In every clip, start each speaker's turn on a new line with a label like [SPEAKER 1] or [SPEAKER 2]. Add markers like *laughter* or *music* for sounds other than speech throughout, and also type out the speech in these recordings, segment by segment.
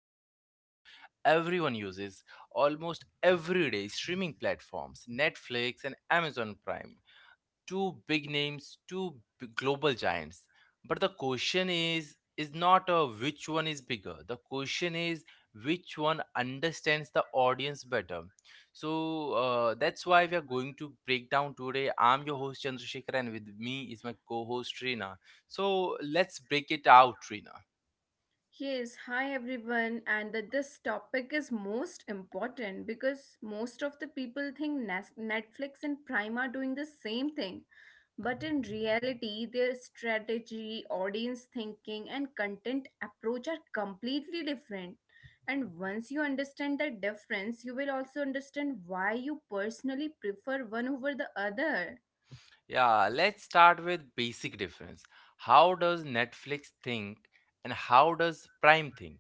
[SPEAKER 1] almost everyone uses almost every day, streaming platforms, Netflix and Amazon Prime, two big names, two global giants. But the question is not which one is bigger. The question is which one understands the audience better. So that's why we are going to break down today. I'm your host Chandrasekhar, and with me is my co-host Rina. So let's break it out, Rina.
[SPEAKER 2] Yes, hi everyone, and that this topic is most important because most of the people think Netflix and Prime are doing the same thing. But in reality, their strategy, audience thinking, and content approach are completely different. And once you understand the difference, you will also understand why you personally prefer one over the other.
[SPEAKER 1] Yeah, let's start with basic difference. How does Netflix think and how does Prime think?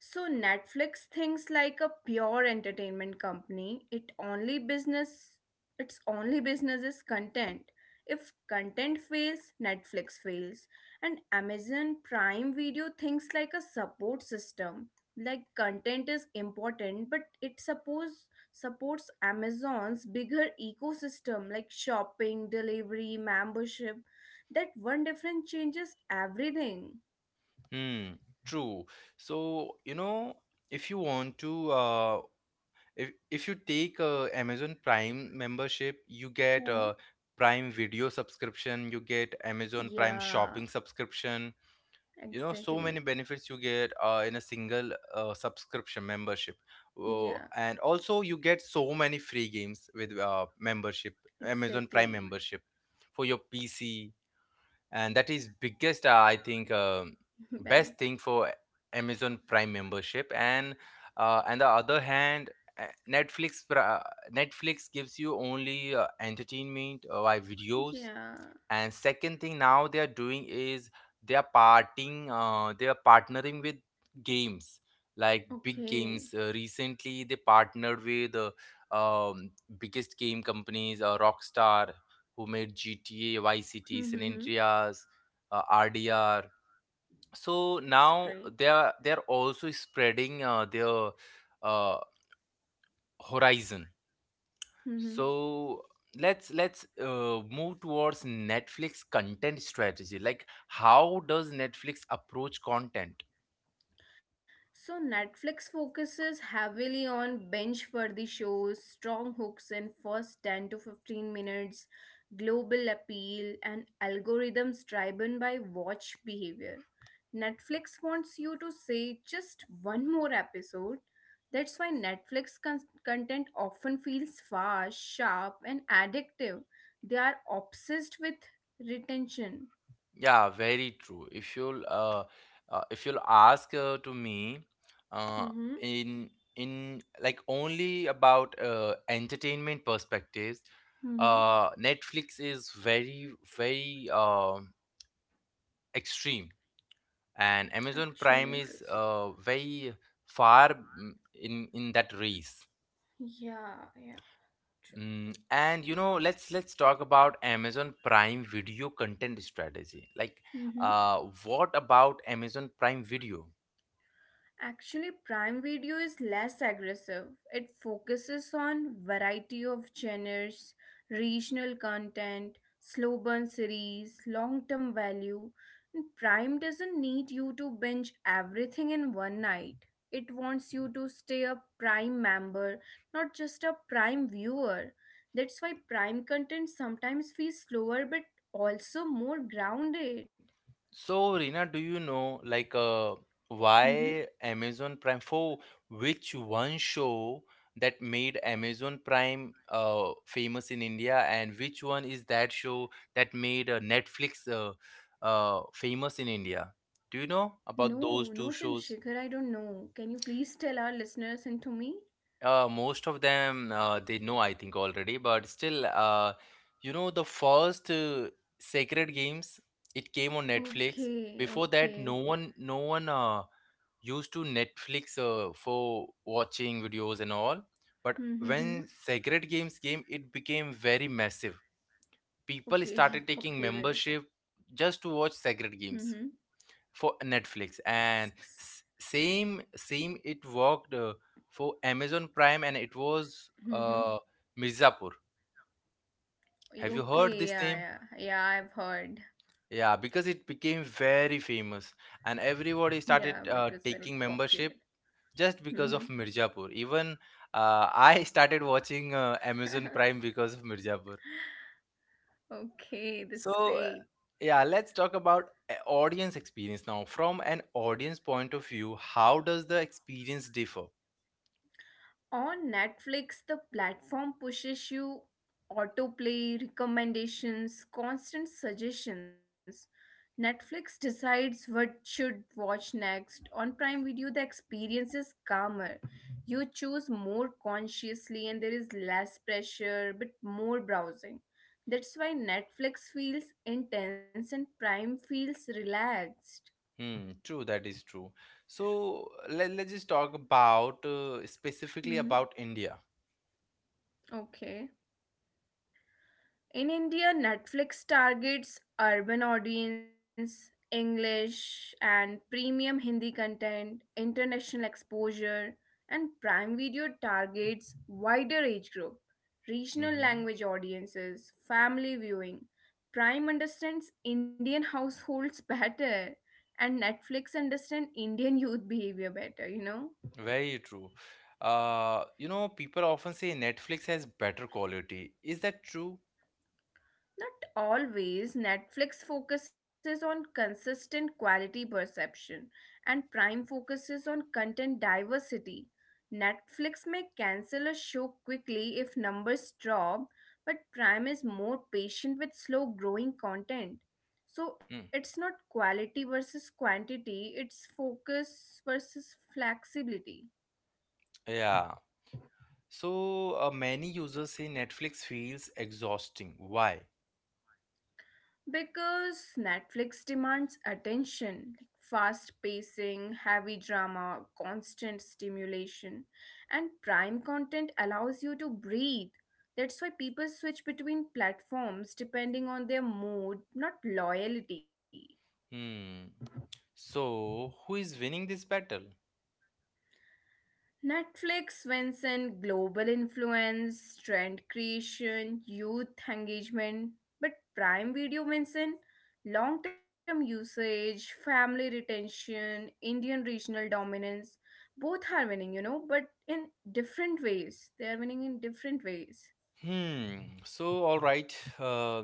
[SPEAKER 2] So Netflix thinks like a pure entertainment company. It only business its only business is content. If content fails, Netflix fails. And Amazon Prime Video thinks like a support system. Like content is important, but it suppose supports Amazon's bigger ecosystem like shopping, delivery, membership. That one difference changes everything.
[SPEAKER 1] Hmm, true. So, you know, if you want to if you take Amazon Prime membership, you get
[SPEAKER 2] Mhm.
[SPEAKER 1] a Prime Video subscription, you get Amazon Prime
[SPEAKER 2] Yeah,
[SPEAKER 1] Shopping subscription. You know, so many
[SPEAKER 2] exactly.
[SPEAKER 1] benefits you get in a single subscription membership. Oh,
[SPEAKER 2] Yeah,
[SPEAKER 1] and also you get so many free games with membership, Amazon Prime
[SPEAKER 2] exactly.
[SPEAKER 1] membership, for your PC, and that is biggest , I think,
[SPEAKER 2] *laughs*
[SPEAKER 1] best
[SPEAKER 2] Benefit.
[SPEAKER 1] thing for Amazon Prime membership. And on the other hand, uh, netflix pra- netflix gives you only entertainment via videos.
[SPEAKER 2] Yeah.
[SPEAKER 1] And second thing now they are doing is they are partnering with games, like big
[SPEAKER 2] Okay.
[SPEAKER 1] games. Recently they partnered with um, biggest game companies, Rockstar, who made GTA Vice City, San
[SPEAKER 2] Mm-hmm.
[SPEAKER 1] Andreas, RDR. So
[SPEAKER 2] That's
[SPEAKER 1] now
[SPEAKER 2] great.
[SPEAKER 1] they are also spreading their uh, horizon.
[SPEAKER 2] Mm-hmm.
[SPEAKER 1] So let's move towards Netflix content strategy. Like, how does Netflix approach content?
[SPEAKER 2] So Netflix focuses heavily on binge-worthy shows, strong hooks in first 10 to 15 minutes, global appeal, and algorithms driven by watch behavior. Netflix wants you to say just one more episode. That's why Netflix content often feels fast, sharp, and addictive. They are obsessed with retention.
[SPEAKER 1] Yeah, very true. If you'll uh, uh, if you'll ask to me, uh,
[SPEAKER 2] Mm-hmm.
[SPEAKER 1] in in like only about entertainment perspectives,
[SPEAKER 2] Mm-hmm.
[SPEAKER 1] Netflix is very very extreme, and Amazon Prime
[SPEAKER 2] Actually, it
[SPEAKER 1] is
[SPEAKER 2] is.
[SPEAKER 1] very far, in that race.
[SPEAKER 2] Yeah, yeah.
[SPEAKER 1] Mm, and you know, let's talk about Amazon Prime Video content strategy. Like,
[SPEAKER 2] Mhm.
[SPEAKER 1] uh, what about Amazon Prime Video?
[SPEAKER 2] Actually, Prime Video is less aggressive. It focuses on variety of genres, regional content, slow burn series, long-term value. And Prime doesn't need you to binge everything in one night. It wants you to stay a Prime member, not just a Prime viewer. That's why Prime content sometimes feels slower but also more grounded.
[SPEAKER 1] So, Rina, do you know like why Amazon Prime, for which one show that made Amazon Prime famous in India, and which one is that show that made Netflix famous in India? Do you know
[SPEAKER 2] No,
[SPEAKER 1] about
[SPEAKER 2] no,
[SPEAKER 1] those two
[SPEAKER 2] Chandrasekhar, I
[SPEAKER 1] shows?
[SPEAKER 2] don't know. Can you please tell our listeners and to me?
[SPEAKER 1] Most of them they know, I think, already, but still, you know, the first Sacred Games, it came on Netflix.
[SPEAKER 2] Okay,
[SPEAKER 1] Before
[SPEAKER 2] okay.
[SPEAKER 1] that, no one used to Netflix for watching videos and all. But
[SPEAKER 2] Mm-hmm.
[SPEAKER 1] when Sacred Games came, it became very massive. People
[SPEAKER 2] Okay, *laughs*
[SPEAKER 1] started taking
[SPEAKER 2] popular.
[SPEAKER 1] membership just to watch
[SPEAKER 2] Mm-hmm.
[SPEAKER 1] Sacred Games for Netflix. And same it worked for Amazon Prime, and it was
[SPEAKER 2] Mm-hmm.
[SPEAKER 1] Mirzapur. Have you
[SPEAKER 2] Okay,
[SPEAKER 1] heard this
[SPEAKER 2] yeah,
[SPEAKER 1] name?
[SPEAKER 2] yeah. Yeah, I've heard.
[SPEAKER 1] Yeah, because it became very famous and
[SPEAKER 2] Yeah,
[SPEAKER 1] everybody
[SPEAKER 2] it was
[SPEAKER 1] started
[SPEAKER 2] very
[SPEAKER 1] taking
[SPEAKER 2] popular.
[SPEAKER 1] membership just
[SPEAKER 2] Mm-hmm.
[SPEAKER 1] because of Mirzapur. Even I started watching Amazon Prime because of Mirzapur.
[SPEAKER 2] *laughs* okay, that's
[SPEAKER 1] So
[SPEAKER 2] great.
[SPEAKER 1] yeah, let's talk about audience experience now. From an audience point of view, how does the experience differ?
[SPEAKER 2] On Netflix, the platform pushes you autoplay, recommendations, constant suggestions. Netflix decides what should watch next. On Prime Video, the experience is calmer. You choose more consciously and there is less pressure, but more browsing. That's why Netflix feels intense and Prime feels relaxed.
[SPEAKER 1] Hmm, true, that is true. So let's just talk about
[SPEAKER 2] Mm-hmm.
[SPEAKER 1] specifically about India.
[SPEAKER 2] Okay. In India, Netflix targets urban audience, English and premium Hindi content, international exposure, and Prime Video targets wider age group, regional
[SPEAKER 1] Mm-hmm.
[SPEAKER 2] language audiences, family viewing. Prime understands Indian households *laughs* better and Netflix understands Indian youth behavior better, you know?
[SPEAKER 1] Very true. You know, people often say Netflix has better quality. Is that true?
[SPEAKER 2] Not always. Netflix focuses on consistent quality perception, and Prime focuses on content diversity. Netflix may cancel a show quickly if numbers drop, but Prime is more patient with slow growing content. So
[SPEAKER 1] Hmm.
[SPEAKER 2] it's not quality versus quantity, it's focus versus flexibility.
[SPEAKER 1] Yeah. So many users say Netflix feels exhausting. Why?
[SPEAKER 2] Because Netflix demands attention, like fast pacing, heavy drama, constant stimulation, and prime content allows you to breathe. That's why people switch between platforms depending on their mood, not loyalty.
[SPEAKER 1] Hmm. So who is winning this battle?
[SPEAKER 2] Netflix wins in global influence, trend creation, youth engagement, but Prime Video wins in long term usage, family retention, Indian regional dominance. Both are winning, you know, but in different ways. They are winning in different ways.
[SPEAKER 1] Hmm. So all right.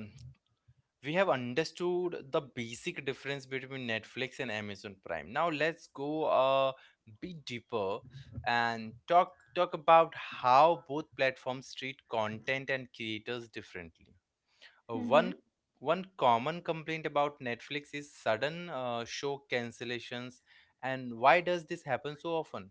[SPEAKER 1] We have understood the basic difference between Netflix and Amazon Prime. Now let's go a bit deeper and talk about how both platforms treat content and creators differently. Uh, one one common complaint about Netflix is sudden show cancellations, and why does this happen so often?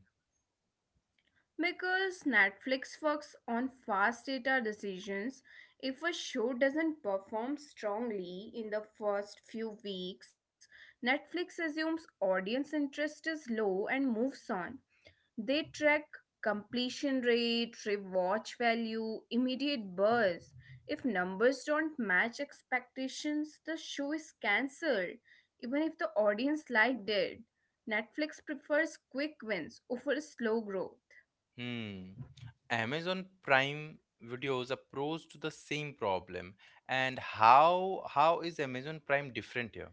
[SPEAKER 2] Because Netflix works on fast data decisions, if a show doesn't perform strongly in the first few weeks, Netflix assumes audience interest is low and moves on. They track completion rate, rewatch value, immediate buzz. If numbers don't match expectations, the show is cancelled, even if the audience liked it. Netflix prefers quick wins over slow growth.
[SPEAKER 1] Hmm. Amazon Prime Video's approach to the same problem, and how is Amazon Prime different here?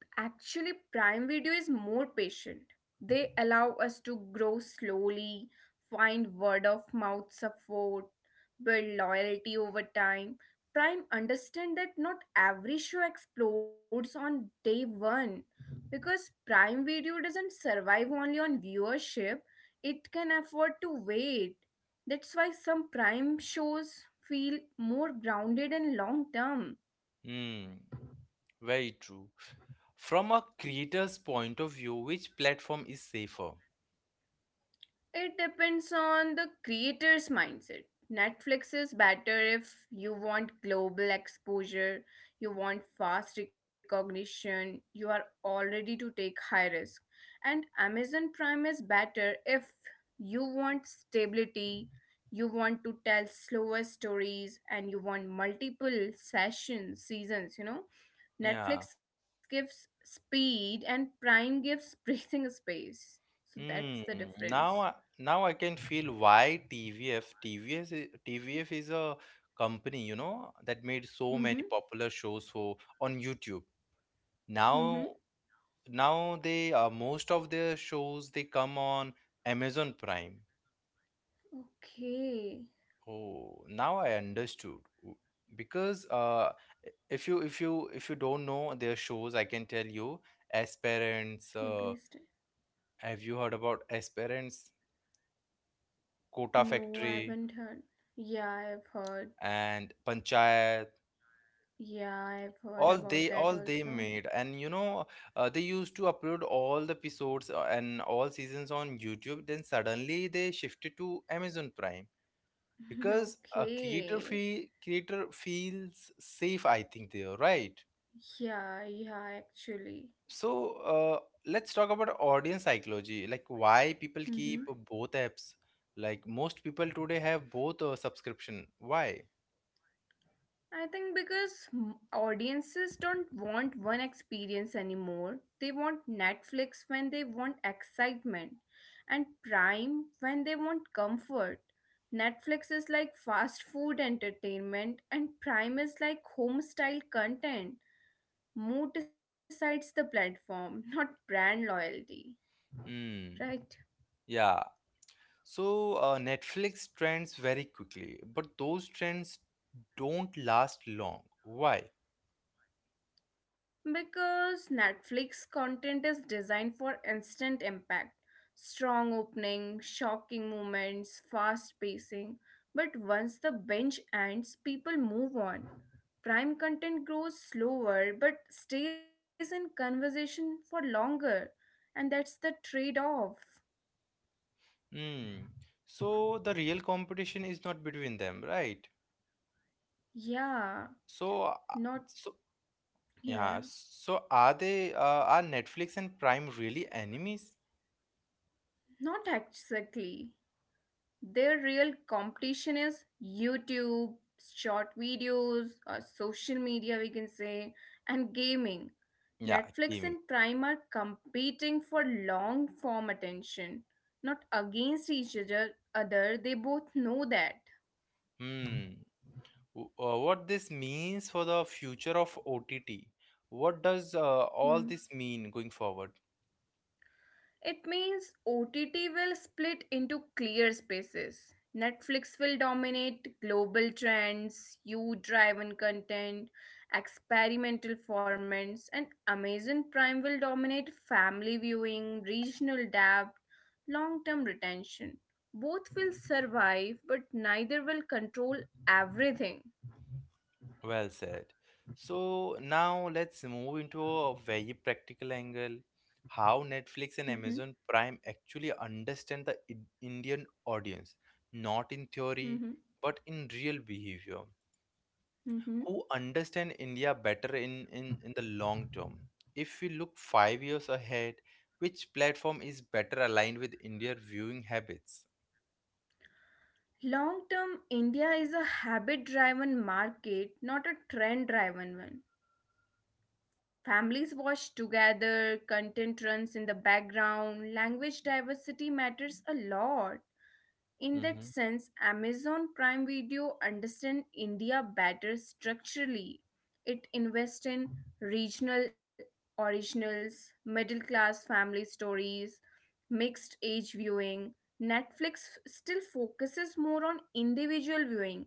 [SPEAKER 2] Actually, Prime Video is more patient. They allow us to grow slowly, find word of mouth support, build loyalty over time. Prime understand that not every show explodes on day 1 because Prime Video doesn't survive only on viewership, it can afford to wait. That's why some Prime shows feel more grounded and long term.
[SPEAKER 1] Hmm. Very true. From a creator's point of view, which platform is safer?
[SPEAKER 2] It depends on the creator's mindset. Netflix is better if you want global exposure, you want fast recognition, you are all ready to take high risk. And Amazon Prime is better if you want stability, you want to tell slower stories, and you want multiple sessions, seasons, you know.
[SPEAKER 1] Yeah.
[SPEAKER 2] Netflix gives speed and Prime gives *laughs* breathing space. So that's the
[SPEAKER 1] Hmm.
[SPEAKER 2] difference.
[SPEAKER 1] Now, now I can feel why TVF is a company, you know, that made so many popular shows for on YouTube. Now
[SPEAKER 2] Mm-hmm.
[SPEAKER 1] now they most of their shows they come on Amazon Prime.
[SPEAKER 2] Okay.
[SPEAKER 1] Oh, now I understood. Because uh if you if you if you don't know their shows, I can tell you, As Parents,
[SPEAKER 2] Yeah, please tell.
[SPEAKER 1] have you heard about As Parents, Kota
[SPEAKER 2] No, I
[SPEAKER 1] Factory,
[SPEAKER 2] haven't heard. Yeah, I've heard.
[SPEAKER 1] and Panchayat?
[SPEAKER 2] Yeah, I've heard
[SPEAKER 1] all
[SPEAKER 2] about
[SPEAKER 1] they
[SPEAKER 2] that
[SPEAKER 1] all they
[SPEAKER 2] also.
[SPEAKER 1] made, and you know, they used to upload all the episodes and all seasons on YouTube, then suddenly they shifted to Amazon Prime,
[SPEAKER 2] *laughs*
[SPEAKER 1] because a
[SPEAKER 2] okay.
[SPEAKER 1] creator feels safe, I think there, right?
[SPEAKER 2] Yeah, yeah, actually.
[SPEAKER 1] So uh, let's talk about audience psychology, like why people
[SPEAKER 2] Mm-hmm.
[SPEAKER 1] keep both apps. Like, most people today have both a subscription. Why?
[SPEAKER 2] I think because audiences don't want one experience anymore. They want Netflix when they want excitement and Prime when they want comfort. Netflix is like fast food entertainment and Prime is like home style content. Mood decides the platform, *laughs* not brand loyalty,
[SPEAKER 1] Hmm.
[SPEAKER 2] right?
[SPEAKER 1] Yeah. So Netflix trends very quickly, but those trends don't last long. Why?
[SPEAKER 2] Because Netflix content is designed for instant impact. Strong opening, shocking moments, fast pacing. But once the binge ends, people move on. Prime content grows slower but stays in conversation for longer. And that's the trade off.
[SPEAKER 1] Hmm. So the real competition is not between them, right?
[SPEAKER 2] Yeah,
[SPEAKER 1] So,
[SPEAKER 2] not,
[SPEAKER 1] so
[SPEAKER 2] yeah,
[SPEAKER 1] yeah, so are they, are Netflix and Prime really enemies?
[SPEAKER 2] not exactly. Their real competition is YouTube, short videos, or social media, we can say, and gaming.
[SPEAKER 1] Yeah,
[SPEAKER 2] Netflix
[SPEAKER 1] gaming.
[SPEAKER 2] and Prime are competing for long form attention. Not against each other, they both know that.
[SPEAKER 1] Hmm. What this means for the future of OTT? What does all this mean going forward?
[SPEAKER 2] It means OTT will split into clear spaces. Netflix will dominate global trends, you driven content, experimental formats, and Amazon Prime will dominate family viewing, regional depth, long term retention. Both will survive, but neither will control everything.
[SPEAKER 1] Well said. So now let's move into a very practical angle. How Netflix and
[SPEAKER 2] Hmm.
[SPEAKER 1] Amazon Prime actually understand the Indian audience, not in theory,
[SPEAKER 2] Hmm.
[SPEAKER 1] but in real behavior.
[SPEAKER 2] Hmm.
[SPEAKER 1] Who understand India better in the long term. If we look 5 years ahead, which platform is better aligned with India viewing habits?
[SPEAKER 2] Long term, India is a habit driven market, not a trend driven one. Families watch together, content runs in the background, language diversity matters a lot. In that
[SPEAKER 1] Hmm.
[SPEAKER 2] sense, Amazon Prime Video understands India better structurally. It invests in regional originals, middle class family stories, mixed age viewing, Netflix still focuses more on individual viewing,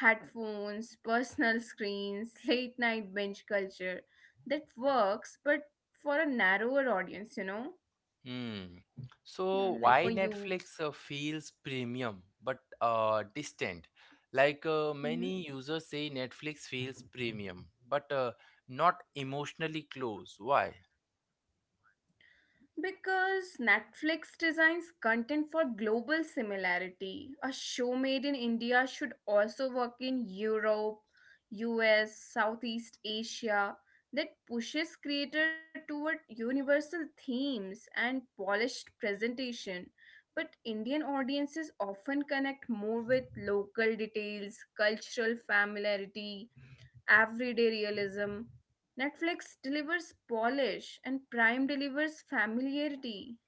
[SPEAKER 2] headphones, personal screens, *laughs* late night binge culture. That works, but for a narrower audience, you know,
[SPEAKER 1] Hmm.
[SPEAKER 2] Yeah,
[SPEAKER 1] So
[SPEAKER 2] like for
[SPEAKER 1] why
[SPEAKER 2] youths.
[SPEAKER 1] Netflix feels premium but distant? Like
[SPEAKER 2] Mm-hmm.
[SPEAKER 1] many users say Netflix feels premium but not emotionally close. Why?
[SPEAKER 2] Because Netflix designs content for global similarity. A show made in India should also work in Europe, US, Southeast Asia that pushes creator toward universal themes and polished presentation. But Indian audiences often connect more with local details, cultural familiarity, everyday realism. Netflix delivers polish and Prime delivers familiarity.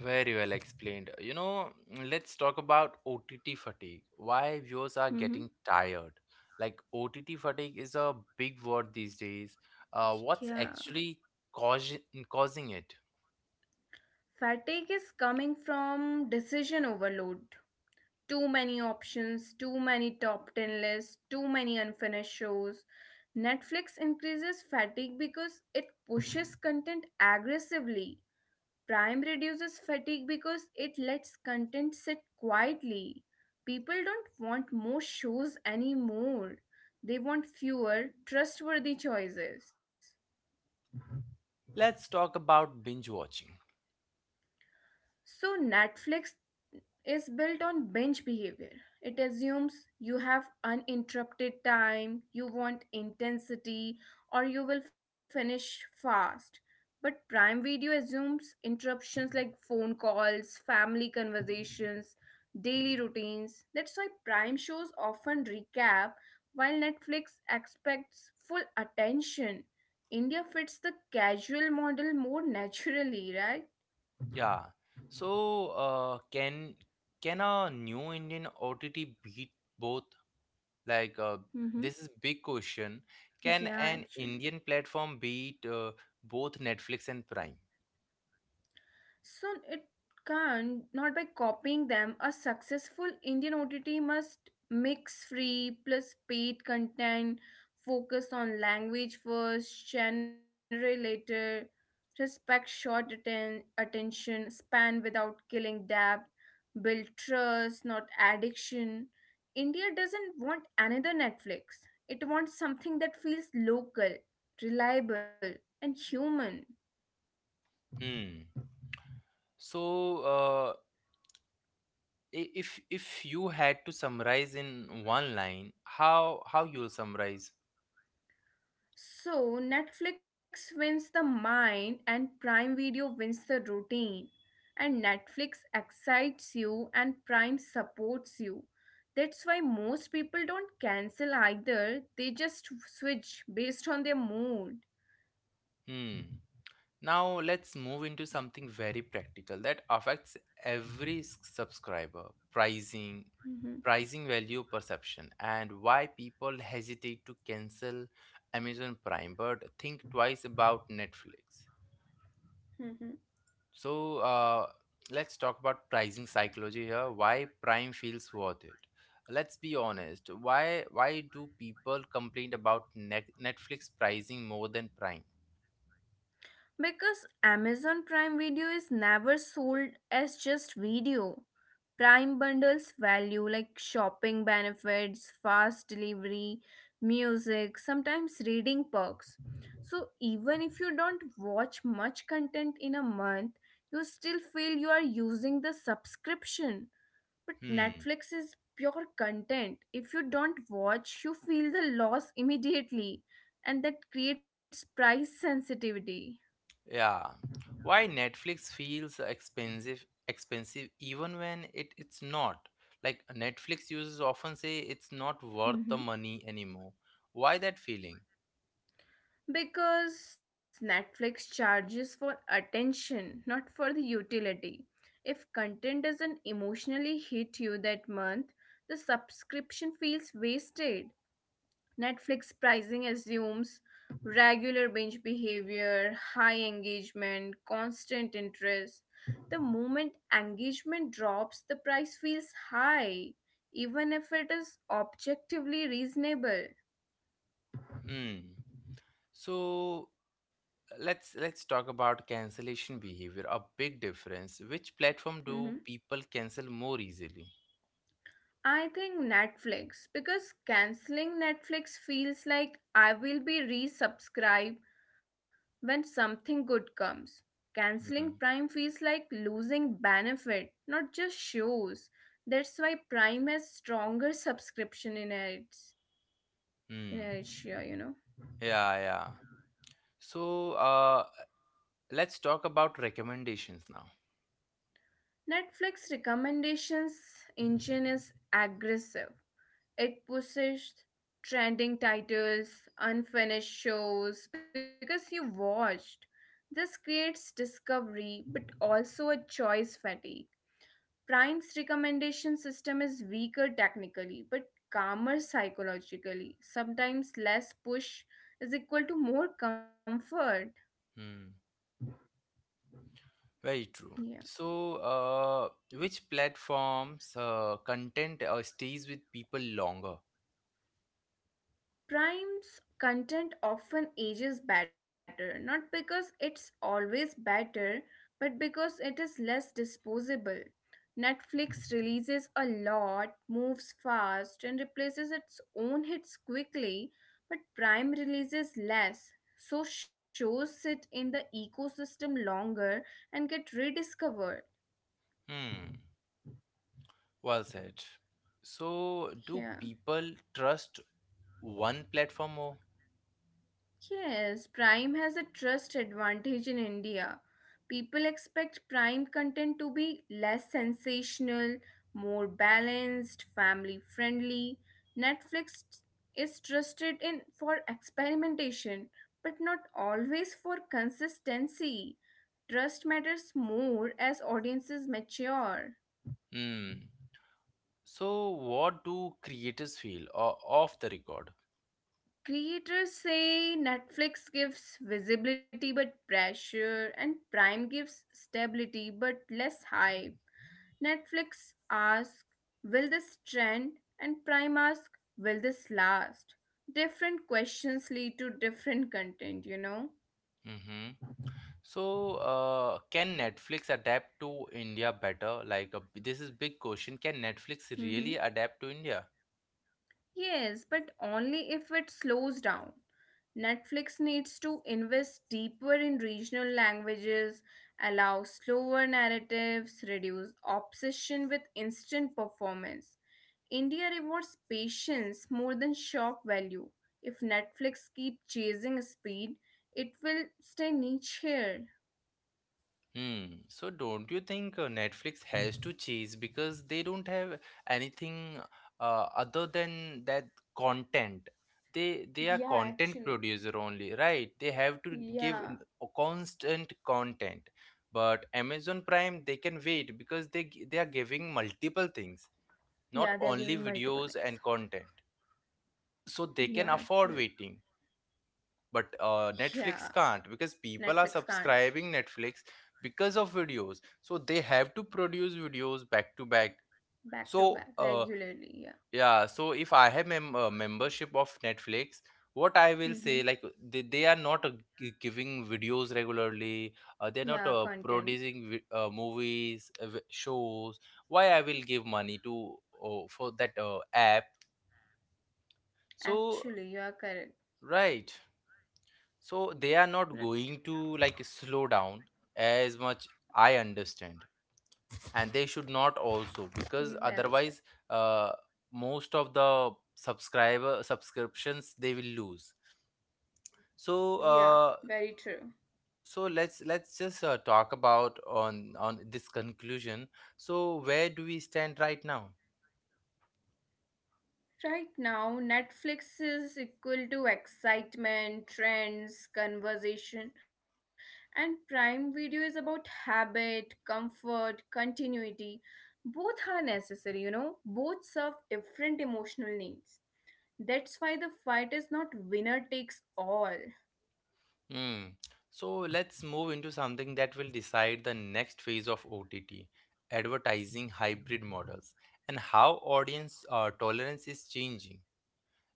[SPEAKER 1] Very well explained. You know, let's talk about OTT fatigue. Why viewers are getting
[SPEAKER 2] Mhm.
[SPEAKER 1] tired. Like, OTT fatigue is a big word these days. What's
[SPEAKER 2] Yeah.
[SPEAKER 1] actually causing causing it?
[SPEAKER 2] Fatigue is coming from decision overload. Too many options, too many top 10 lists, too many unfinished shows. Netflix increases fatigue because it pushes content aggressively. Prime reduces fatigue because it lets content sit quietly. People don't want more shows anymore. They want fewer, trustworthy choices.
[SPEAKER 1] Let's talk about binge watching.
[SPEAKER 2] So, Netflix is built on binge behavior. It assumes you have uninterrupted time, you want intensity, or you will finish fast. But Prime Video assumes interruptions like phone calls, family conversations, daily routines. That's why Prime shows often recap while Netflix expects full attention. India fits the casual model more *laughs* naturally,
[SPEAKER 1] Yeah. So, uh, can a new Indian OTT beat both? Like,
[SPEAKER 2] right?
[SPEAKER 1] this is big question. Can an
[SPEAKER 2] Yeah,
[SPEAKER 1] Indian
[SPEAKER 2] actually.
[SPEAKER 1] platform beat both Netflix and Prime?
[SPEAKER 2] So it can not by copying them. A successful Indian OTT must mix free plus paid content, focus on language first, genre later, respect short attention span without killing depth, build trust, not addiction. India doesn't want another Netflix. It wants something that feels local, reliable, and human.
[SPEAKER 1] Hmm. So, if you had to summarize in one line, how you'll summarize?
[SPEAKER 2] So, Netflix wins the mind and Prime Video wins the routine. And Netflix excites you and Prime supports you. That's why most people don't cancel either, they just switch based on their mood.
[SPEAKER 1] Hmm. Now let's move into something very practical that affects every subscriber: pricing,
[SPEAKER 2] Hmm.
[SPEAKER 1] pricing, value perception, and why people hesitate to cancel Amazon Prime but think twice about Netflix.
[SPEAKER 2] Mm-hmm.
[SPEAKER 1] So let's talk about pricing psychology here. Why Prime feels worth it? Let's be honest. Why do people complain about Netflix pricing more than Prime?
[SPEAKER 2] Because Amazon Prime Video is never sold as just video. Prime bundles value like shopping benefits, fast delivery, music, sometimes reading perks. So even if you don't watch much content in a month, you still feel you are using the subscription. But
[SPEAKER 1] Hmm.
[SPEAKER 2] Netflix is pure content. If you don't watch, you feel the loss immediately, and that creates price sensitivity.
[SPEAKER 1] Yeah. Why Netflix feels expensive even when it's not? Like, Netflix users often say it's not worth the
[SPEAKER 2] *laughs*
[SPEAKER 1] money anymore. Why that feeling?
[SPEAKER 2] Because Netflix charges for attention, not for the utility. If content doesn't emotionally hit you that month, the subscription feels wasted. Netflix pricing assumes regular binge behavior, high engagement, constant interest. The moment engagement drops, the price feels high, even if it is objectively reasonable.
[SPEAKER 1] Hmm. So let's talk about cancellation behavior. A big difference. Which platform
[SPEAKER 2] Mm-hmm.
[SPEAKER 1] do people cancel more easily?
[SPEAKER 2] I think Netflix because canceling Netflix feels like I will be resubscribed when something good comes. Canceling
[SPEAKER 1] Hmm.
[SPEAKER 2] Prime feels like losing benefit, not just shows. That's why Prime has stronger subscription in its
[SPEAKER 1] Hmm.
[SPEAKER 2] inertia, you know.
[SPEAKER 1] Yeah, yeah. So, let's talk about recommendations now.
[SPEAKER 2] Netflix recommendations engine is aggressive. It pushed trending titles, unfinished shows because you watched. This creates discovery but also a choice fatigue. Prime's recommendation system is weaker technically but calmer psychologically. Sometimes less push is equal to more comfort.
[SPEAKER 1] Hmm. Very true.
[SPEAKER 2] Yeah.
[SPEAKER 1] So, which platforms content stays with people longer?
[SPEAKER 2] Prime's content often ages better, not because it's always better, but because it is less disposable. Netflix releases a lot, moves fast, and replaces its own hits quickly, but Prime releases less, so shows sit in the ecosystem longer and get rediscovered.
[SPEAKER 1] Hmm. Well said. So, do
[SPEAKER 2] Yeah.
[SPEAKER 1] people trust one platform more?
[SPEAKER 2] Yes, Prime has a trust advantage in India. People expect Prime content to be less sensational, more balanced, family friendly. Netflix is trusted in for experimentation, but not always for consistency. Trust matters more as audiences mature.
[SPEAKER 1] Hmm. So, what do creators feel off the record?
[SPEAKER 2] Creators say Netflix gives visibility but pressure, and Prime gives stability but less hype. Netflix asks, will this trend? And Prime asks, will this last? Different questions lead to different content, you know?
[SPEAKER 1] Mm-hmm. So, can Netflix adapt to India better? Like, a, this is big question. Can Netflix
[SPEAKER 2] Hmm.
[SPEAKER 1] really adapt to India?
[SPEAKER 2] Yes, but only if it slows down. Netflix needs to invest deeper in regional languages, allow slower narratives, reduce obsession with instant performance. India rewards patience more than shock value. If Netflix keep chasing speed, it will stay niche here.
[SPEAKER 1] Hmm. So don't you think Netflix has to chase because they don't have anything other than that content. They are
[SPEAKER 2] Yeah,
[SPEAKER 1] content
[SPEAKER 2] actually.
[SPEAKER 1] producer only, right? They have to give
[SPEAKER 2] Yeah.
[SPEAKER 1] a constant content. But Amazon Prime, they can wait because they are giving multiple things, not
[SPEAKER 2] Yeah, they're
[SPEAKER 1] only
[SPEAKER 2] giving multiple
[SPEAKER 1] videos
[SPEAKER 2] things.
[SPEAKER 1] and content. So they can
[SPEAKER 2] Yeah,
[SPEAKER 1] afford
[SPEAKER 2] actually.
[SPEAKER 1] waiting, but Netflix
[SPEAKER 2] Yeah,
[SPEAKER 1] can't, because
[SPEAKER 2] Netflix
[SPEAKER 1] people are
[SPEAKER 2] can't.
[SPEAKER 1] subscribing Netflix because of videos, so they have to produce videos back to back.
[SPEAKER 2] Back to
[SPEAKER 1] So
[SPEAKER 2] back, regularly, yeah.
[SPEAKER 1] yeah, so if I have membership of Netflix, what I will
[SPEAKER 2] Mm-hmm.
[SPEAKER 1] say, like, they are not giving videos regularly,
[SPEAKER 2] Yeah,
[SPEAKER 1] they're not
[SPEAKER 2] content.
[SPEAKER 1] producing movies, shows, why I will give money to for that app? So
[SPEAKER 2] Actually, you are correct.
[SPEAKER 1] right. So they are not
[SPEAKER 2] Right.
[SPEAKER 1] going to like slow down as much, I understand, and they should not also,
[SPEAKER 2] Very
[SPEAKER 1] because
[SPEAKER 2] well said.
[SPEAKER 1] otherwise, uh, most of the subscriber subscriptions they will lose. So
[SPEAKER 2] Yeah, very true.
[SPEAKER 1] so let's just talk about on this conclusion. So where do we stand right now?
[SPEAKER 2] Right now, Netflix is equal to excitement, trends, conversation, and Prime Video is about habit, comfort, continuity. Both are necessary, you know, both serve different emotional needs. That's why the fight is not winner takes all.
[SPEAKER 1] Hmm. So let's move into something that will decide the next phase of OTT, advertising hybrid models, and how audience tolerance is changing.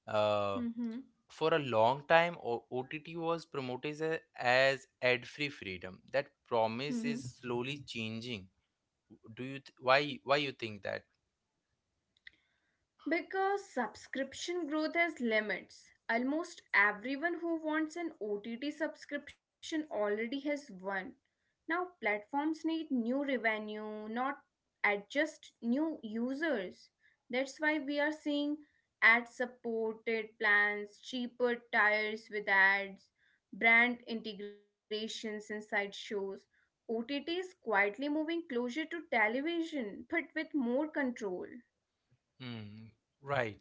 [SPEAKER 1] Uh,
[SPEAKER 2] Mm-hmm.
[SPEAKER 1] for a long time, OTT was promoted as ad-free freedom. That promise is slowly changing. Do you th- why you think that?
[SPEAKER 2] Because subscription growth has limits. Almost everyone who wants an OTT subscription already has one. Now, platforms need new revenue, not adjust new users. That's why we are seeing ad supported plans, cheaper tires with ads, brand integrations inside shows. OTT is quietly moving closer to television but with more control.
[SPEAKER 1] Hmm. Right.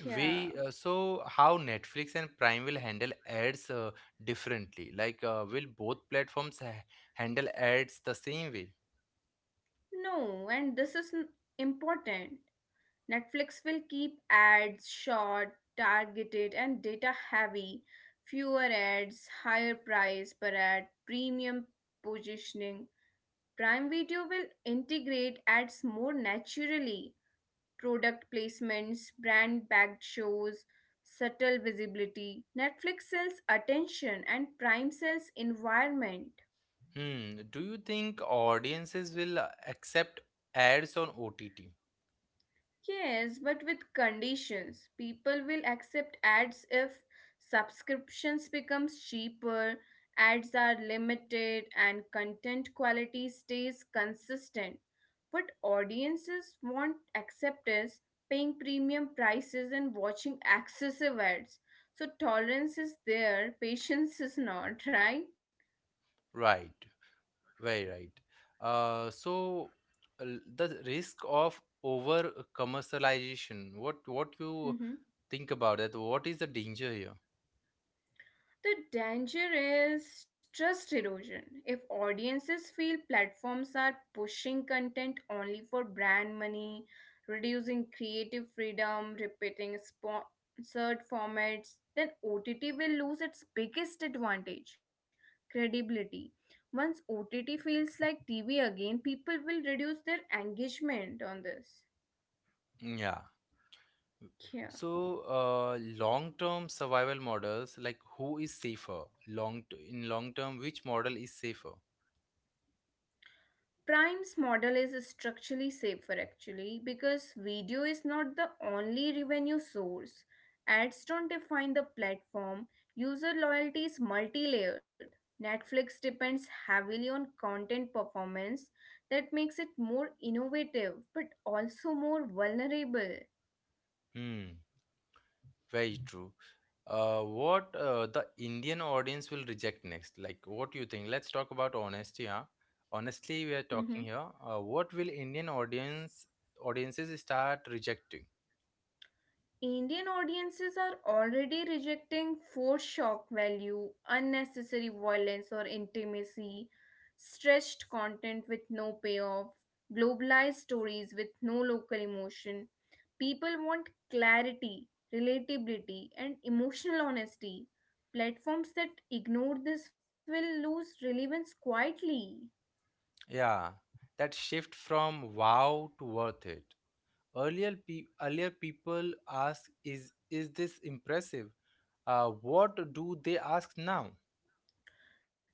[SPEAKER 2] Yeah.
[SPEAKER 1] We So how Netflix and Prime will handle ads differently. Like, will both platforms ha handle ads the same way?
[SPEAKER 2] No, and this is important. Netflix will keep ads short, targeted, and data heavy. Fewer ads, higher price per ad, premium positioning. Prime Video will integrate ads more naturally. Product placements, brand backed shows, subtle visibility. Netflix sells attention, and Prime sells environment.
[SPEAKER 1] Hmm. Do you think audiences will accept ads on OTT?
[SPEAKER 2] Yes, but with conditions. People will accept ads if subscriptions becomes cheaper, ads are limited and content quality stays consistent. But audiences won't accept us paying premium prices and watching excessive ads. So tolerance is there, patience is not, *laughs* right?
[SPEAKER 1] Right. Very right. So the risk of over commercialization. What you think about that? What is the danger here?
[SPEAKER 2] The danger is trust erosion. If audiences feel platforms are pushing content only for brand money, reducing creative freedom, repeating sponsored formats, then OTT will lose its biggest advantage, credibility. Once OTT feels like TV again, people will reduce their engagement on this.
[SPEAKER 1] Yeah.
[SPEAKER 2] Yeah.
[SPEAKER 1] So, long-term survival models, like who is safer? In long term, which model is safer?
[SPEAKER 2] Prime's model is structurally safer actually because video is not the only revenue source. Ads don't define the platform. User loyalty is multi layered. Netflix depends heavily on content performance that makes it more innovative but also more vulnerable.
[SPEAKER 1] Hmm, very true. What The Indian audience will reject next? Like, what do you think? Let's talk about honesty, huh? Honestly, we are talking here. What will Indian audience audiences start rejecting?
[SPEAKER 2] Indian audiences are already rejecting forced shock value, unnecessary violence or intimacy, stretched content with no payoff, globalized stories with no local emotion. People want clarity, relatability, and emotional honesty. Platforms that ignore this will lose relevance quietly.
[SPEAKER 1] Yeah, that shift from wow to worth it. Earlier, pe earlier people ask, is this impressive? What do they ask now?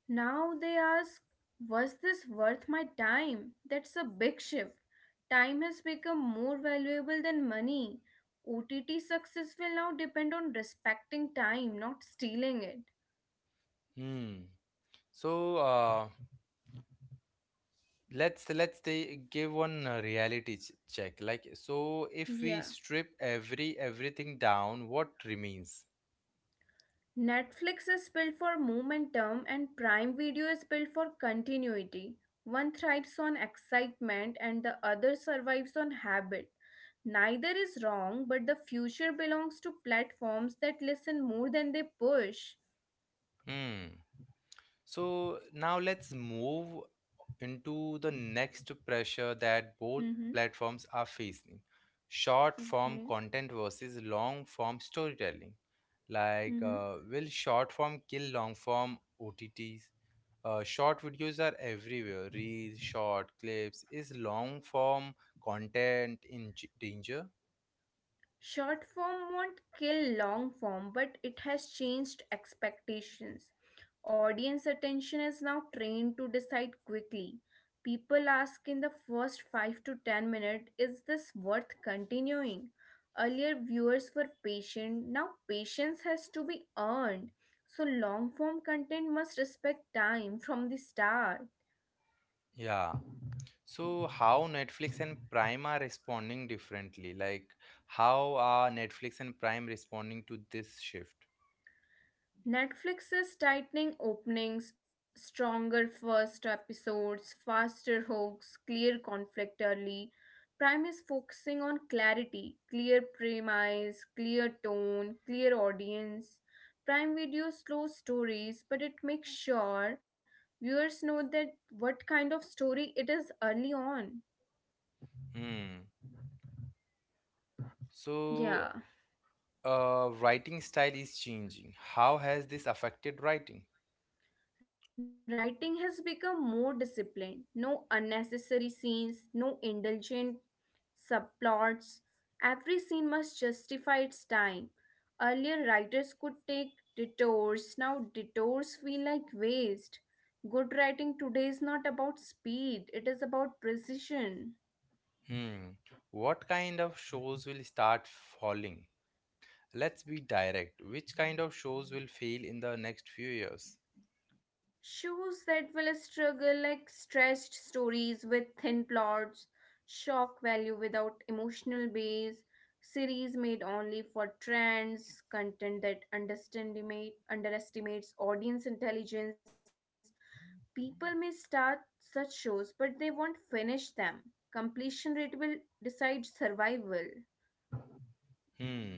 [SPEAKER 2] Now they ask, was this worth my time? That's a big shift. Time has become more valuable than money. OTT success will now depend on respecting time, not stealing it.
[SPEAKER 1] Hmm. So uh, let's they give one reality check. Like so, if we
[SPEAKER 2] Yeah.
[SPEAKER 1] strip everything down, what remains?
[SPEAKER 2] Netflix is built for momentum and Prime Video is built for continuity. One thrives on excitement and the other survives on habit. Neither is wrong, but the future belongs to platforms that listen more than they push.
[SPEAKER 1] Hmm. So now let's move into the next pressure that both
[SPEAKER 2] Mm-hmm.
[SPEAKER 1] platforms are facing: short form
[SPEAKER 2] Okay.
[SPEAKER 1] content versus long form storytelling.
[SPEAKER 2] Mm-hmm.
[SPEAKER 1] Will short form kill long form OTTs? Short videos are everywhere. Reels, short clips. Is long form content in danger?
[SPEAKER 2] Short form won't kill long form, but it has changed expectations. Audience attention is now trained to decide quickly. People ask in the first 5 to 10 minutes, is this worth continuing? Earlier, viewers were patient. Now, patience has to be earned. So, long form content must respect time from the start.
[SPEAKER 1] Yeah. So how Netflix and Prime are responding differently? Like how are Netflix and Prime responding to this shift?
[SPEAKER 2] Netflix is tightening openings, stronger first episodes, faster hooks, clear conflict early. Prime is focusing on clarity, clear premise, clear tone, clear audience. Prime Video slow stories, but it makes sure viewers know that what kind of story it is early on.
[SPEAKER 1] Hmm. So
[SPEAKER 2] Yeah.
[SPEAKER 1] Writing style is changing. How has this affected writing?
[SPEAKER 2] Writing has become more disciplined. No unnecessary scenes, no indulgent subplots. Every scene must justify its time. Earlier, writers could take detours, now, detours feel like waste. Good writing today is not about speed, it is about precision.
[SPEAKER 1] Hmm. What kind of shows will start falling? Let's be direct. Which kind of shows will fail in the next few years?
[SPEAKER 2] Shows that will struggle like stretched stories with thin plots, shock value without emotional base, series made only for trends, content that underestimates audience intelligence, people may start such shows, but they won't finish them. Completion rate will decide survival.
[SPEAKER 1] Hmm.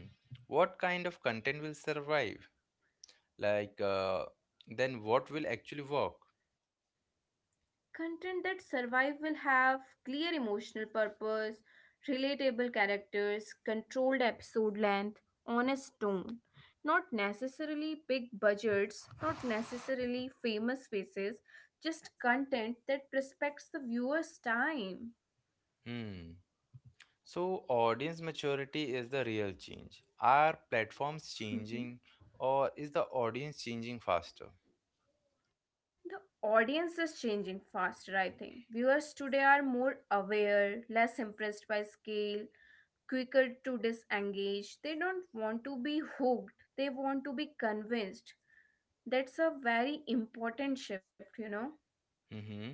[SPEAKER 1] What kind of content will survive? Like, uh, then what will actually work?
[SPEAKER 2] Content that survive will have clear emotional purpose, relatable characters, controlled episode length, honest tone. Not necessarily big budgets, not necessarily famous faces, just content that respects the viewer's time.
[SPEAKER 1] Hmm. So, audience maturity is the real change. Are platforms changing
[SPEAKER 2] *laughs*
[SPEAKER 1] or is the audience changing faster?
[SPEAKER 2] The audience is changing faster, I think. Viewers today are more aware, less impressed by scale, quicker to disengage. They don't want to be hooked, they want to be convinced. That's a very important shift, you know.
[SPEAKER 1] Mm-hmm.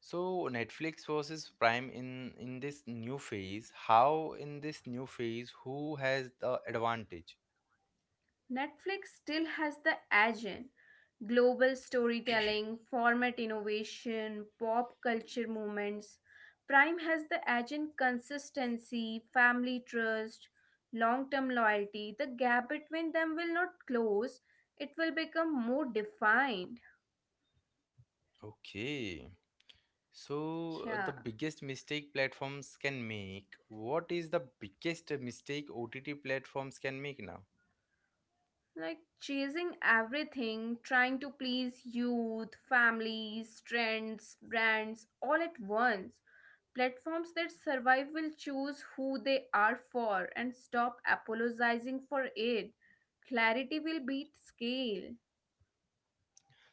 [SPEAKER 1] So, Netflix versus Prime in this new phase, how in this new phase, who has the advantage?
[SPEAKER 2] Netflix still has the edge in global storytelling, format innovation, pop culture moments. Prime has the edge in consistency, family trust, long term loyalty. The gap between them will not close, it will become more defined.
[SPEAKER 1] Okay.
[SPEAKER 2] Yeah.
[SPEAKER 1] The biggest mistake platforms can make. What is the biggest mistake OTT platforms can make now?
[SPEAKER 2] Like chasing everything, trying to please youth, families, trends, brands all at once. Platforms that survive will choose who they are for and stop apologizing for it. Clarity will beat scale.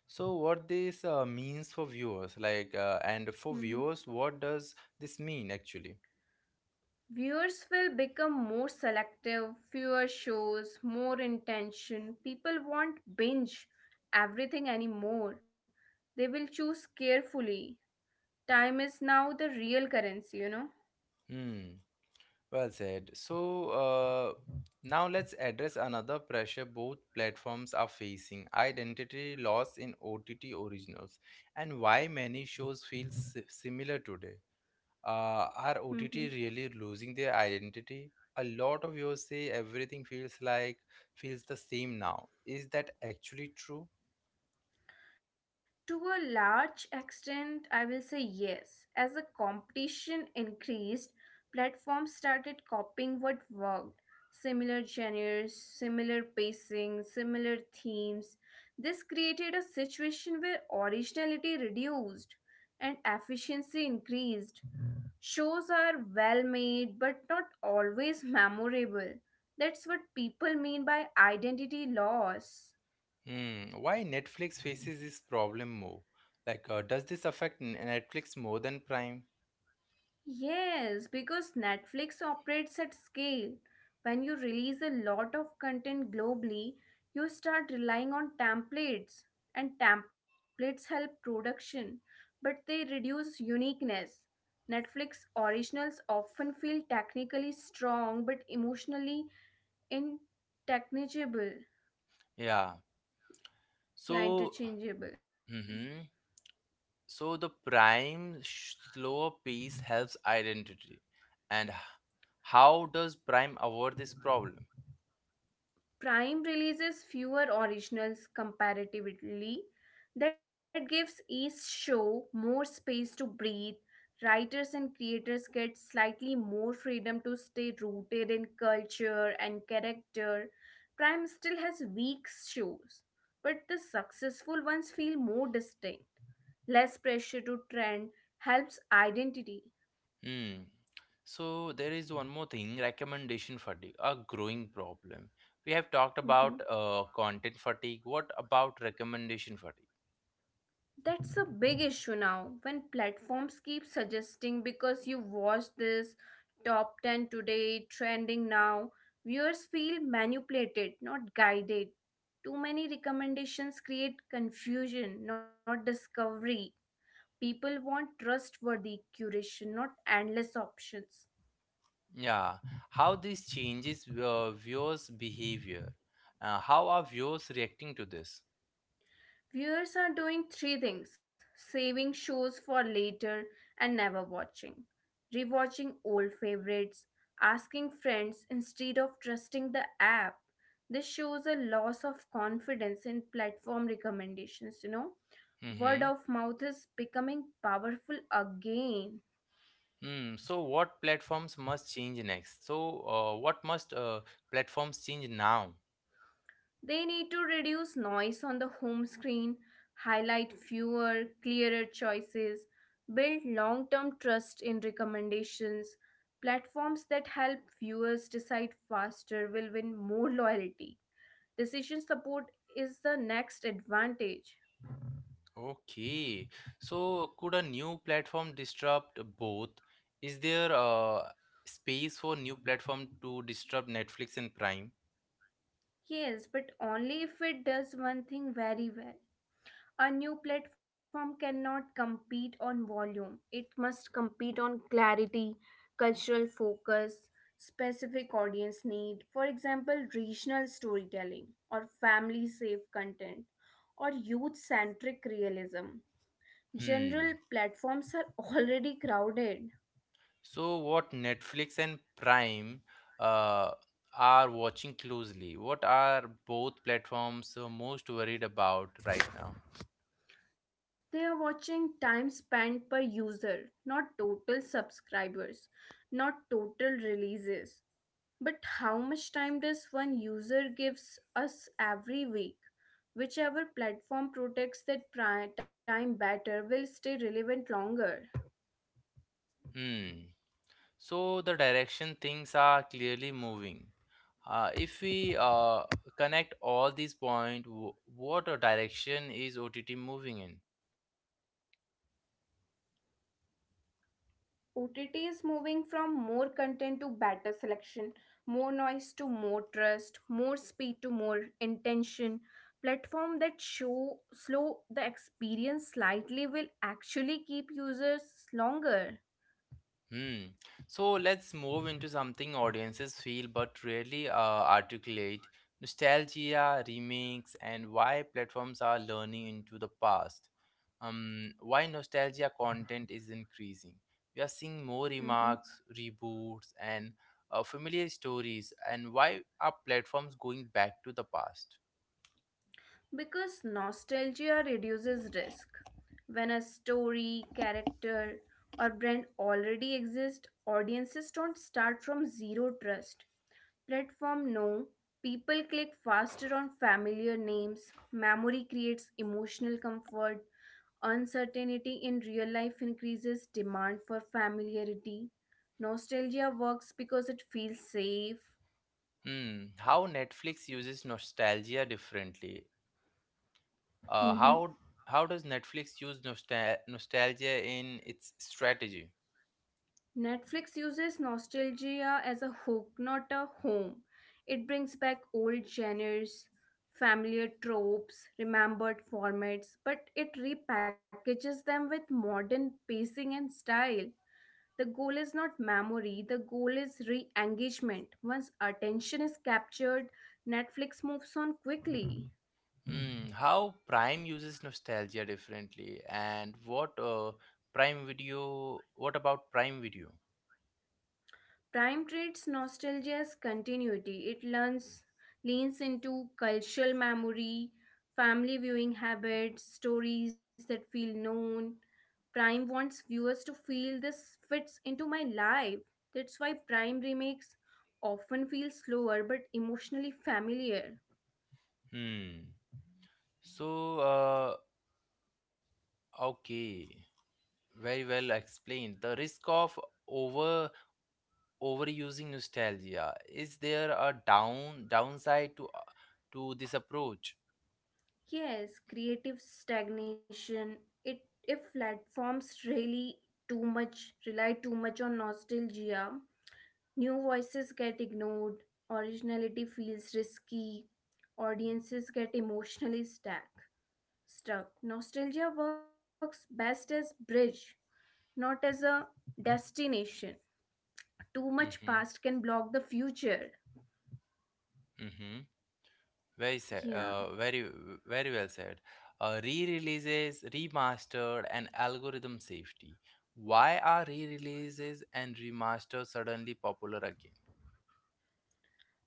[SPEAKER 1] So, what this means for viewers, and for
[SPEAKER 2] Mhm.
[SPEAKER 1] viewers, what does this mean actually?
[SPEAKER 2] Viewers will become more selective, fewer shows, more intention. People won't binge everything anymore. They will choose carefully. Time is now the real currency, you know?
[SPEAKER 1] Hmm, well said. Now let's address another pressure both platforms are facing identity loss in OTT originals and why many shows feel similar today. Are OTT
[SPEAKER 2] Hmm.
[SPEAKER 1] really losing their identity? A lot of viewers say everything feels the same now. Is that actually true?
[SPEAKER 2] To a large extent, I will say yes. As the competition increased, platforms started copying what worked. Similar genres, similar pacing, similar themes. This created a situation where originality reduced and efficiency increased. Shows are well made but not always memorable. That's what people mean by identity loss.
[SPEAKER 1] Hmm. Why Netflix faces this problem more? Does this affect Netflix more than Prime?
[SPEAKER 2] Yes, because Netflix operates at scale. When you release a lot of content globally, you start relying on templates, and templates help production, but they reduce uniqueness. Netflix originals often feel technically strong but emotionally intangible.
[SPEAKER 1] Yeah.
[SPEAKER 2] Yeah,
[SPEAKER 1] So,
[SPEAKER 2] interchangeable.
[SPEAKER 1] hmm so the Prime slower pace helps identity, and how does Prime avoid this problem?
[SPEAKER 2] Prime releases fewer originals comparatively. That gives each show more space to breathe. Writers and creators get slightly more freedom to stay rooted in culture and character. Prime still has weak shows, but the successful ones feel more distinct. Less pressure to trend helps identity.
[SPEAKER 1] Hmm. So there is one more thing, recommendation fatigue, a growing problem. We have talked
[SPEAKER 2] Mm-hmm.
[SPEAKER 1] about content fatigue. What about recommendation fatigue?
[SPEAKER 2] That's a big issue now when platforms keep suggesting because you watched this, top 10 today, trending now. Viewers feel manipulated, not guided. Too many recommendations create confusion, not discovery. People want trustworthy curation, not endless options.
[SPEAKER 1] Yeah, how this changes viewers' behavior. How are viewers reacting to this?
[SPEAKER 2] Viewers are doing three things, saving shows for later and never watching, rewatching old favorites, asking friends instead of trusting the app. This shows a loss of confidence in platform recommendations, you know. Word
[SPEAKER 1] Mm-hmm.
[SPEAKER 2] of mouth is becoming powerful again.
[SPEAKER 1] Hmm. So what platforms must change next? What must platforms change now?
[SPEAKER 2] They need to reduce noise on the home screen, highlight fewer, clearer choices, build long term trust in recommendations. Platforms that help viewers decide faster will win more loyalty. Decision support is the next advantage.
[SPEAKER 1] Okay, so could a new platform disrupt both? Is there space for new platform to disrupt Netflix and Prime?
[SPEAKER 2] Yes, but only if it does one thing very well. A new platform cannot compete on volume. It must compete on clarity, cultural focus, specific audience need, for example, regional storytelling or family safe content or youth centric realism. General
[SPEAKER 1] Hmm.
[SPEAKER 2] platforms are already crowded.
[SPEAKER 1] So what Netflix and Prime uh, are watching closely? What are both platforms most worried about right now?
[SPEAKER 2] They are watching time spent per user, not total subscribers, not total releases. But how much time does one user gives us every week? Whichever platform protects that time better will stay relevant longer.
[SPEAKER 1] Hmm. So the direction things are clearly moving. If we connect all these points, what a direction is OTT moving in?
[SPEAKER 2] OTT is moving from more content to better selection, more noise to more trust, more speed to more intention. Platform that show slow the experience slightly will actually keep users longer.
[SPEAKER 1] Hmm. So let's move into something audiences feel but rarely articulate nostalgia, remakes, and why platforms are learning into the past. Why nostalgia content is increasing. We are seeing more
[SPEAKER 2] Mhm.
[SPEAKER 1] remarks, reboots, and familiar stories, and why are platforms going back to the past?
[SPEAKER 2] Because nostalgia reduces risk. When a story, character, or brand already exists, audiences don't start from zero trust. Platform no. People click faster on familiar names. Memory creates emotional comfort. Uncertainty in real life increases demand for familiarity. Nostalgia works because it feels safe.
[SPEAKER 1] Hmm, how Netflix uses nostalgia differently. Uh, how
[SPEAKER 2] *laughs*
[SPEAKER 1] how does Netflix use nostalgia in its strategy?
[SPEAKER 2] Netflix uses nostalgia as a hook, not a home. It brings back old genres, familiar tropes, remembered formats, but it repackages them with modern pacing and style. The goal is not memory, the goal is re engagement. Once attention is captured, Netflix moves on quickly.
[SPEAKER 1] Hmm, how Prime uses nostalgia differently, and what Prime Video? What about Prime Video?
[SPEAKER 2] Time treats nostalgia as continuity. It learns, leans into cultural memory, family viewing habits, stories that feel known. Prime wants viewers to feel this fits into my life. That's why Prime remakes often feel slower but emotionally familiar.
[SPEAKER 1] Hmm. So, uh, okay, very well explained. The risk of over overusing nostalgia. Is there a downside to this approach?
[SPEAKER 2] Yes, creative stagnation. It if platforms really too much rely too much on nostalgia, new voices get ignored, originality feels risky, audiences get emotionally stuck. Nostalgia works best as bridge, not as a destination. Too much past
[SPEAKER 1] Mhm.
[SPEAKER 2] can block the future.
[SPEAKER 1] Mm-hmm. Very said.
[SPEAKER 2] Yeah.
[SPEAKER 1] Very well said. Re-releases, remastered, and algorithm safety. Why are re-releases and remasters suddenly popular again?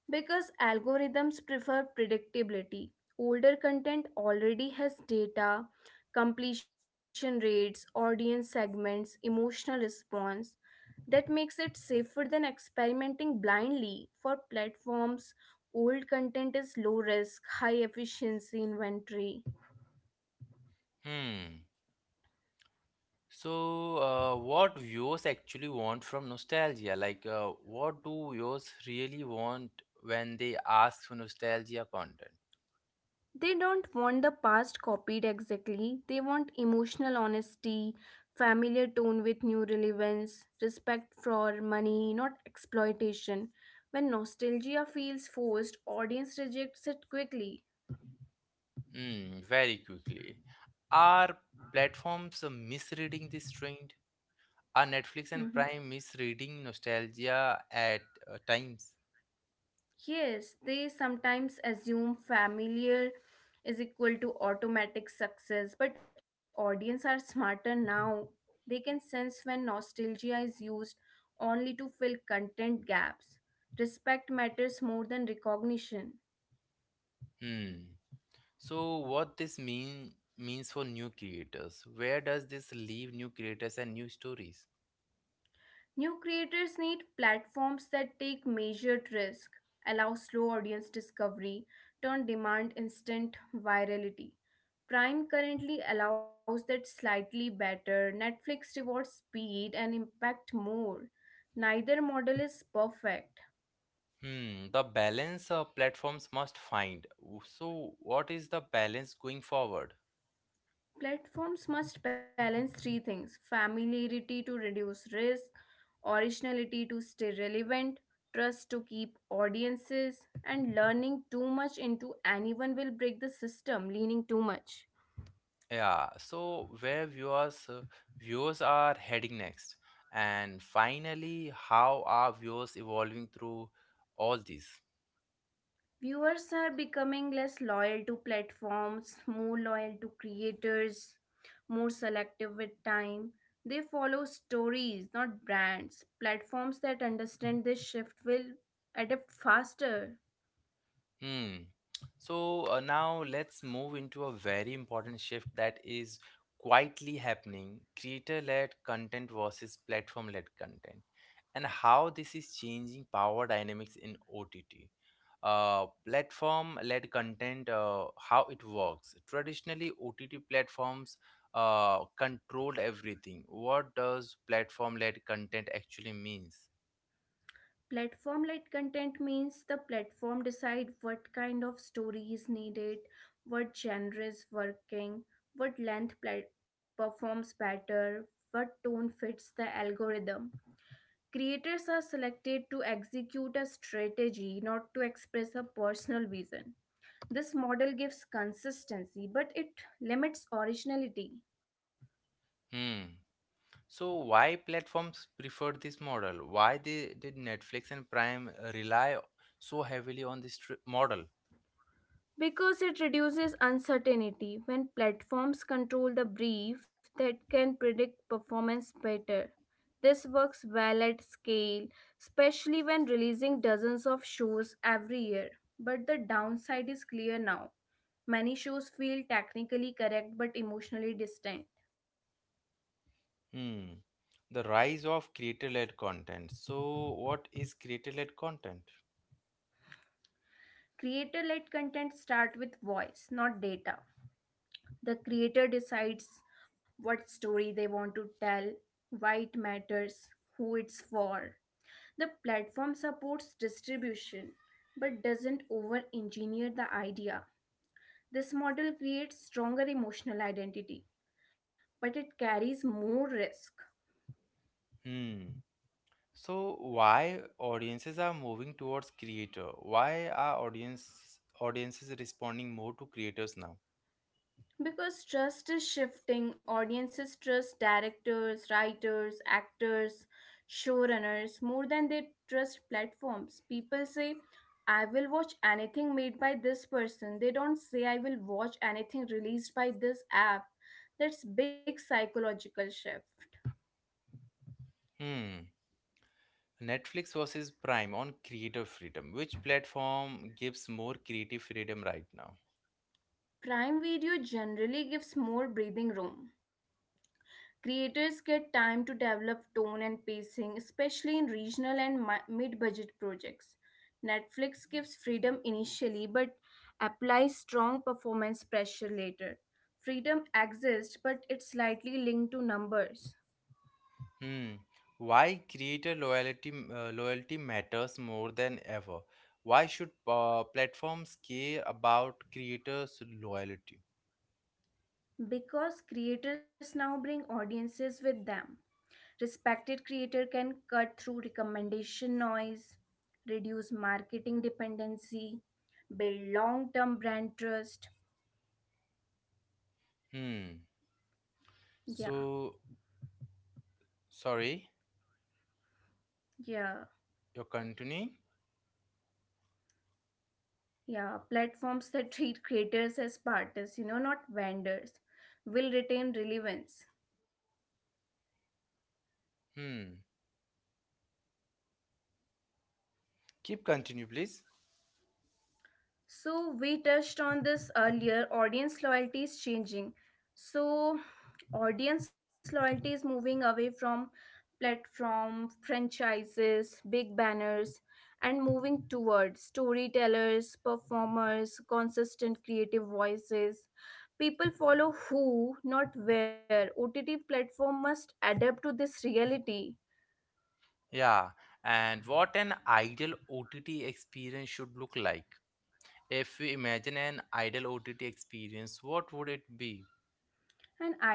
[SPEAKER 2] Because algorithms prefer predictability. Older content already has data, completion rates, audience segments, emotional response. That makes it safer than experimenting blindly. For platforms, old content is low risk, high efficiency inventory.
[SPEAKER 1] Hmm. What viewers actually want from nostalgia? What do viewers really want when they ask for nostalgia content?
[SPEAKER 2] They don't want the past copied exactly. They want emotional honesty, familiar tone with new relevance, respect for money, not exploitation. When nostalgia feels forced, audience rejects it quickly.
[SPEAKER 1] Hmm. Very quickly, are platforms misreading this trend? Are Netflix and
[SPEAKER 2] Mhm.
[SPEAKER 1] Prime misreading nostalgia at times?
[SPEAKER 2] Yes, they sometimes assume familiar is equal to automatic success, but audience are smarter now. They can sense when nostalgia is used only to fill content gaps. Respect matters more than recognition.
[SPEAKER 1] Hmm. So what this means for new creators? Where does this leave new creators and new stories?
[SPEAKER 2] New creators need platforms that take measured risk, allow slow audience discovery, turn demand instant virality. Prime currently allows that slightly better. Netflix rewards speed and impact more. Neither model is perfect.
[SPEAKER 1] Hmm. The balance platforms must find. So what is the balance going forward?
[SPEAKER 2] Platforms must balance three things, familiarity to reduce risk, originality to stay relevant, trust to keep audiences, and learning too much into anyone will break the system, leaning too much.
[SPEAKER 1] Yeah. So where viewers are heading next, and finally, how are viewers evolving through all this?
[SPEAKER 2] Viewers are becoming less loyal to platforms, more loyal to creators, more selective with time. They follow stories, not brands. Platforms that understand this shift will adapt faster.
[SPEAKER 1] Hmm. Now let's move into a very important shift that is quietly happening, creator-led content versus platform-led content, and how this is changing power dynamics in OTT. Platform-led content, how it works. Traditionally, OTT platforms controlled everything. What does platform-led content actually means?
[SPEAKER 2] Platform led content means the platform decide what kind of story is needed, what genre is working, what length performs better, what tone fits the algorithm. Creators are selected to execute a strategy, not to express a personal vision. This model gives consistency but it limits originality.
[SPEAKER 1] Hmm. So why platforms prefer this model? Did Netflix and Prime rely so heavily on this model?
[SPEAKER 2] Because it reduces uncertainty when platforms control the brief that can predict performance better. This works well at scale, especially when releasing dozens of shows every year. But the downside is clear now. Many shows feel technically correct but emotionally distant.
[SPEAKER 1] Hmm. The rise of creator-led content. So what is creator-led content?
[SPEAKER 2] Creator led content start with voice, not data. The creator decides what story they want to tell, why it matters, who it's for. The platform supports distribution but doesn't over engineer the idea. This model creates stronger emotional identity, but it carries more risk.
[SPEAKER 1] Hmm. So why audiences are moving towards creator? Why are audiences responding more to creators now?
[SPEAKER 2] Because trust is shifting, audiences trust directors, writers, actors, showrunners more than they trust platforms. People say, I will watch anything made by this person. They don't say, I will watch anything released by this app. That's big psychological shift.
[SPEAKER 1] Hmm. Netflix versus Prime on creator freedom. Which platform gives more creative freedom right now?
[SPEAKER 2] Crime video generally gives more breathing room. Creators get time to develop tone and pacing, especially in regional and mid budget projects. Netflix gives freedom initially but applies strong performance pressure later. Freedom exists, but it's slightly linked to numbers,
[SPEAKER 1] Hmm. Why creator loyalty matters more than ever? Why should platforms care about creators' loyalty?
[SPEAKER 2] because creators now bring audiences with them. Respected creator can cut through recommendation noise, reduce marketing dependency, build long-term brand trust.
[SPEAKER 1] Hmm.
[SPEAKER 2] Yeah,
[SPEAKER 1] So sorry,
[SPEAKER 2] yeah,
[SPEAKER 1] you're continuing.
[SPEAKER 2] yeah. Platforms that treat creators as partners, you know, not vendors, will retain relevance.
[SPEAKER 1] Hmm. Keep continue, please.
[SPEAKER 2] So, we touched on this earlier. Audience loyalty is changing. So, audience loyalty is moving away from platform, franchises, big banners, and moving towards storytellers, performers, consistent creative voices. People follow who, not where. OTT platform must adapt to this reality.
[SPEAKER 1] Yeah. And what an ideal OTT experience should look like. If we imagine an ideal OTT experience, what would it be?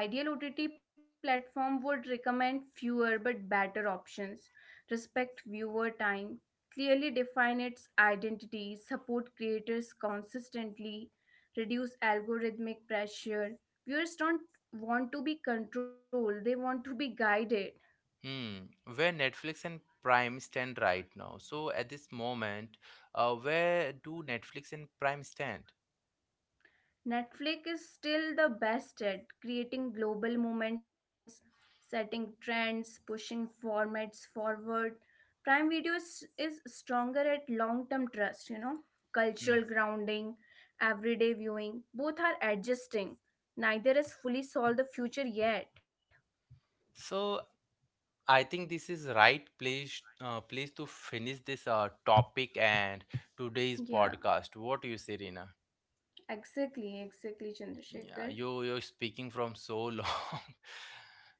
[SPEAKER 2] An ideal OTT platform would recommend fewer but better options, respect viewer time, clearly define its identity, support creators consistently, reduce algorithmic pressure. Viewers don't want to be controlled, they want to be guided.
[SPEAKER 1] Hmm, where Netflix and Prime stand right now. So at this moment, where do Netflix and Prime stand?
[SPEAKER 2] Netflix is still the best at creating global movements, setting trends, pushing formats forward. Prime Video is stronger at long term trust, you know,
[SPEAKER 1] Hmm.
[SPEAKER 2] cultural grounding, everyday viewing. Both are adjusting. Neither has fully solved the future yet.
[SPEAKER 1] So I think this is right place place to finish this topic and today's
[SPEAKER 2] Yeah,
[SPEAKER 1] podcast. What do you say, Rina?
[SPEAKER 2] exactly, exactly,
[SPEAKER 1] Yeah,
[SPEAKER 2] Chandrasekhar.
[SPEAKER 1] you're speaking from so long. *laughs*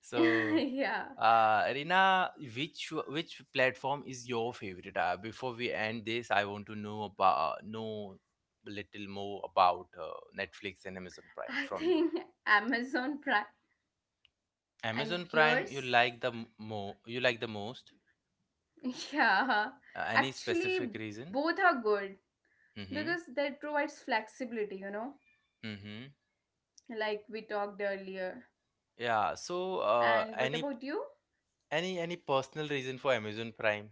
[SPEAKER 1] So
[SPEAKER 2] Yeah,
[SPEAKER 1] Rina, which platform is your favorite? Before we end this, I want to know little more about Netflix and Amazon Prime
[SPEAKER 2] I
[SPEAKER 1] from you.
[SPEAKER 2] think Amazon Prime, and
[SPEAKER 1] Amazon Prime,
[SPEAKER 2] yours.
[SPEAKER 1] you like the m- mo you like the most?
[SPEAKER 2] Yeah,
[SPEAKER 1] Any specific
[SPEAKER 2] actually,
[SPEAKER 1] reason?
[SPEAKER 2] both are good
[SPEAKER 1] Mm-hmm.
[SPEAKER 2] because that provides flexibility, you know,
[SPEAKER 1] Mm-hmm.
[SPEAKER 2] like we talked earlier.
[SPEAKER 1] Yeah. So,
[SPEAKER 2] And
[SPEAKER 1] uh,
[SPEAKER 2] what about
[SPEAKER 1] any
[SPEAKER 2] you?
[SPEAKER 1] any any personal reason for Amazon Prime?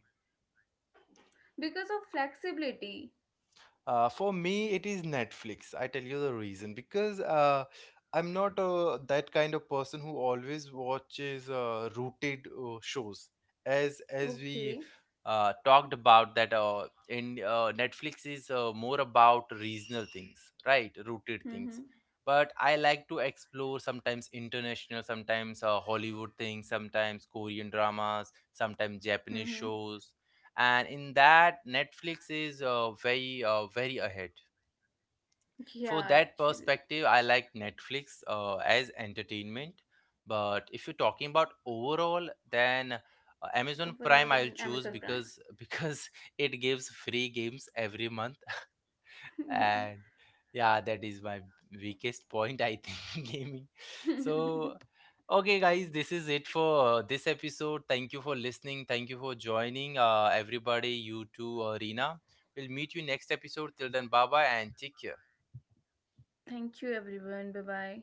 [SPEAKER 2] Because of flexibility.
[SPEAKER 1] For me, it is Netflix. I tell you the reason because I'm not that kind of person who always watches rooted shows. As we
[SPEAKER 2] Okay.
[SPEAKER 1] talked about that, in Netflix is more about regional things, right? Rooted
[SPEAKER 2] Mm-hmm.
[SPEAKER 1] things. But I like to explore sometimes international, sometimes Hollywood things, sometimes Korean dramas, sometimes Japanese
[SPEAKER 2] Mm-hmm.
[SPEAKER 1] shows and in that Netflix is very ahead for
[SPEAKER 2] Yeah,
[SPEAKER 1] that
[SPEAKER 2] actually, it
[SPEAKER 1] perspective. I
[SPEAKER 2] is.
[SPEAKER 1] like Netflix as entertainment, but if you're talking about overall then Amazon
[SPEAKER 2] Overall,
[SPEAKER 1] Prime
[SPEAKER 2] then
[SPEAKER 1] I'll
[SPEAKER 2] Amazon
[SPEAKER 1] choose because *laughs* because it gives free games every month
[SPEAKER 2] Prime. *laughs* Yeah.
[SPEAKER 1] and yeah that is my weakest point I think. *laughs* Gaming. So
[SPEAKER 2] *laughs*
[SPEAKER 1] okay guys, this is it for this episode. Thank you for listening, thank you for joining everybody, you too Rena. We'll meet you next episode. Till then bye bye and take care.
[SPEAKER 2] Thank you, everyone. Bye bye.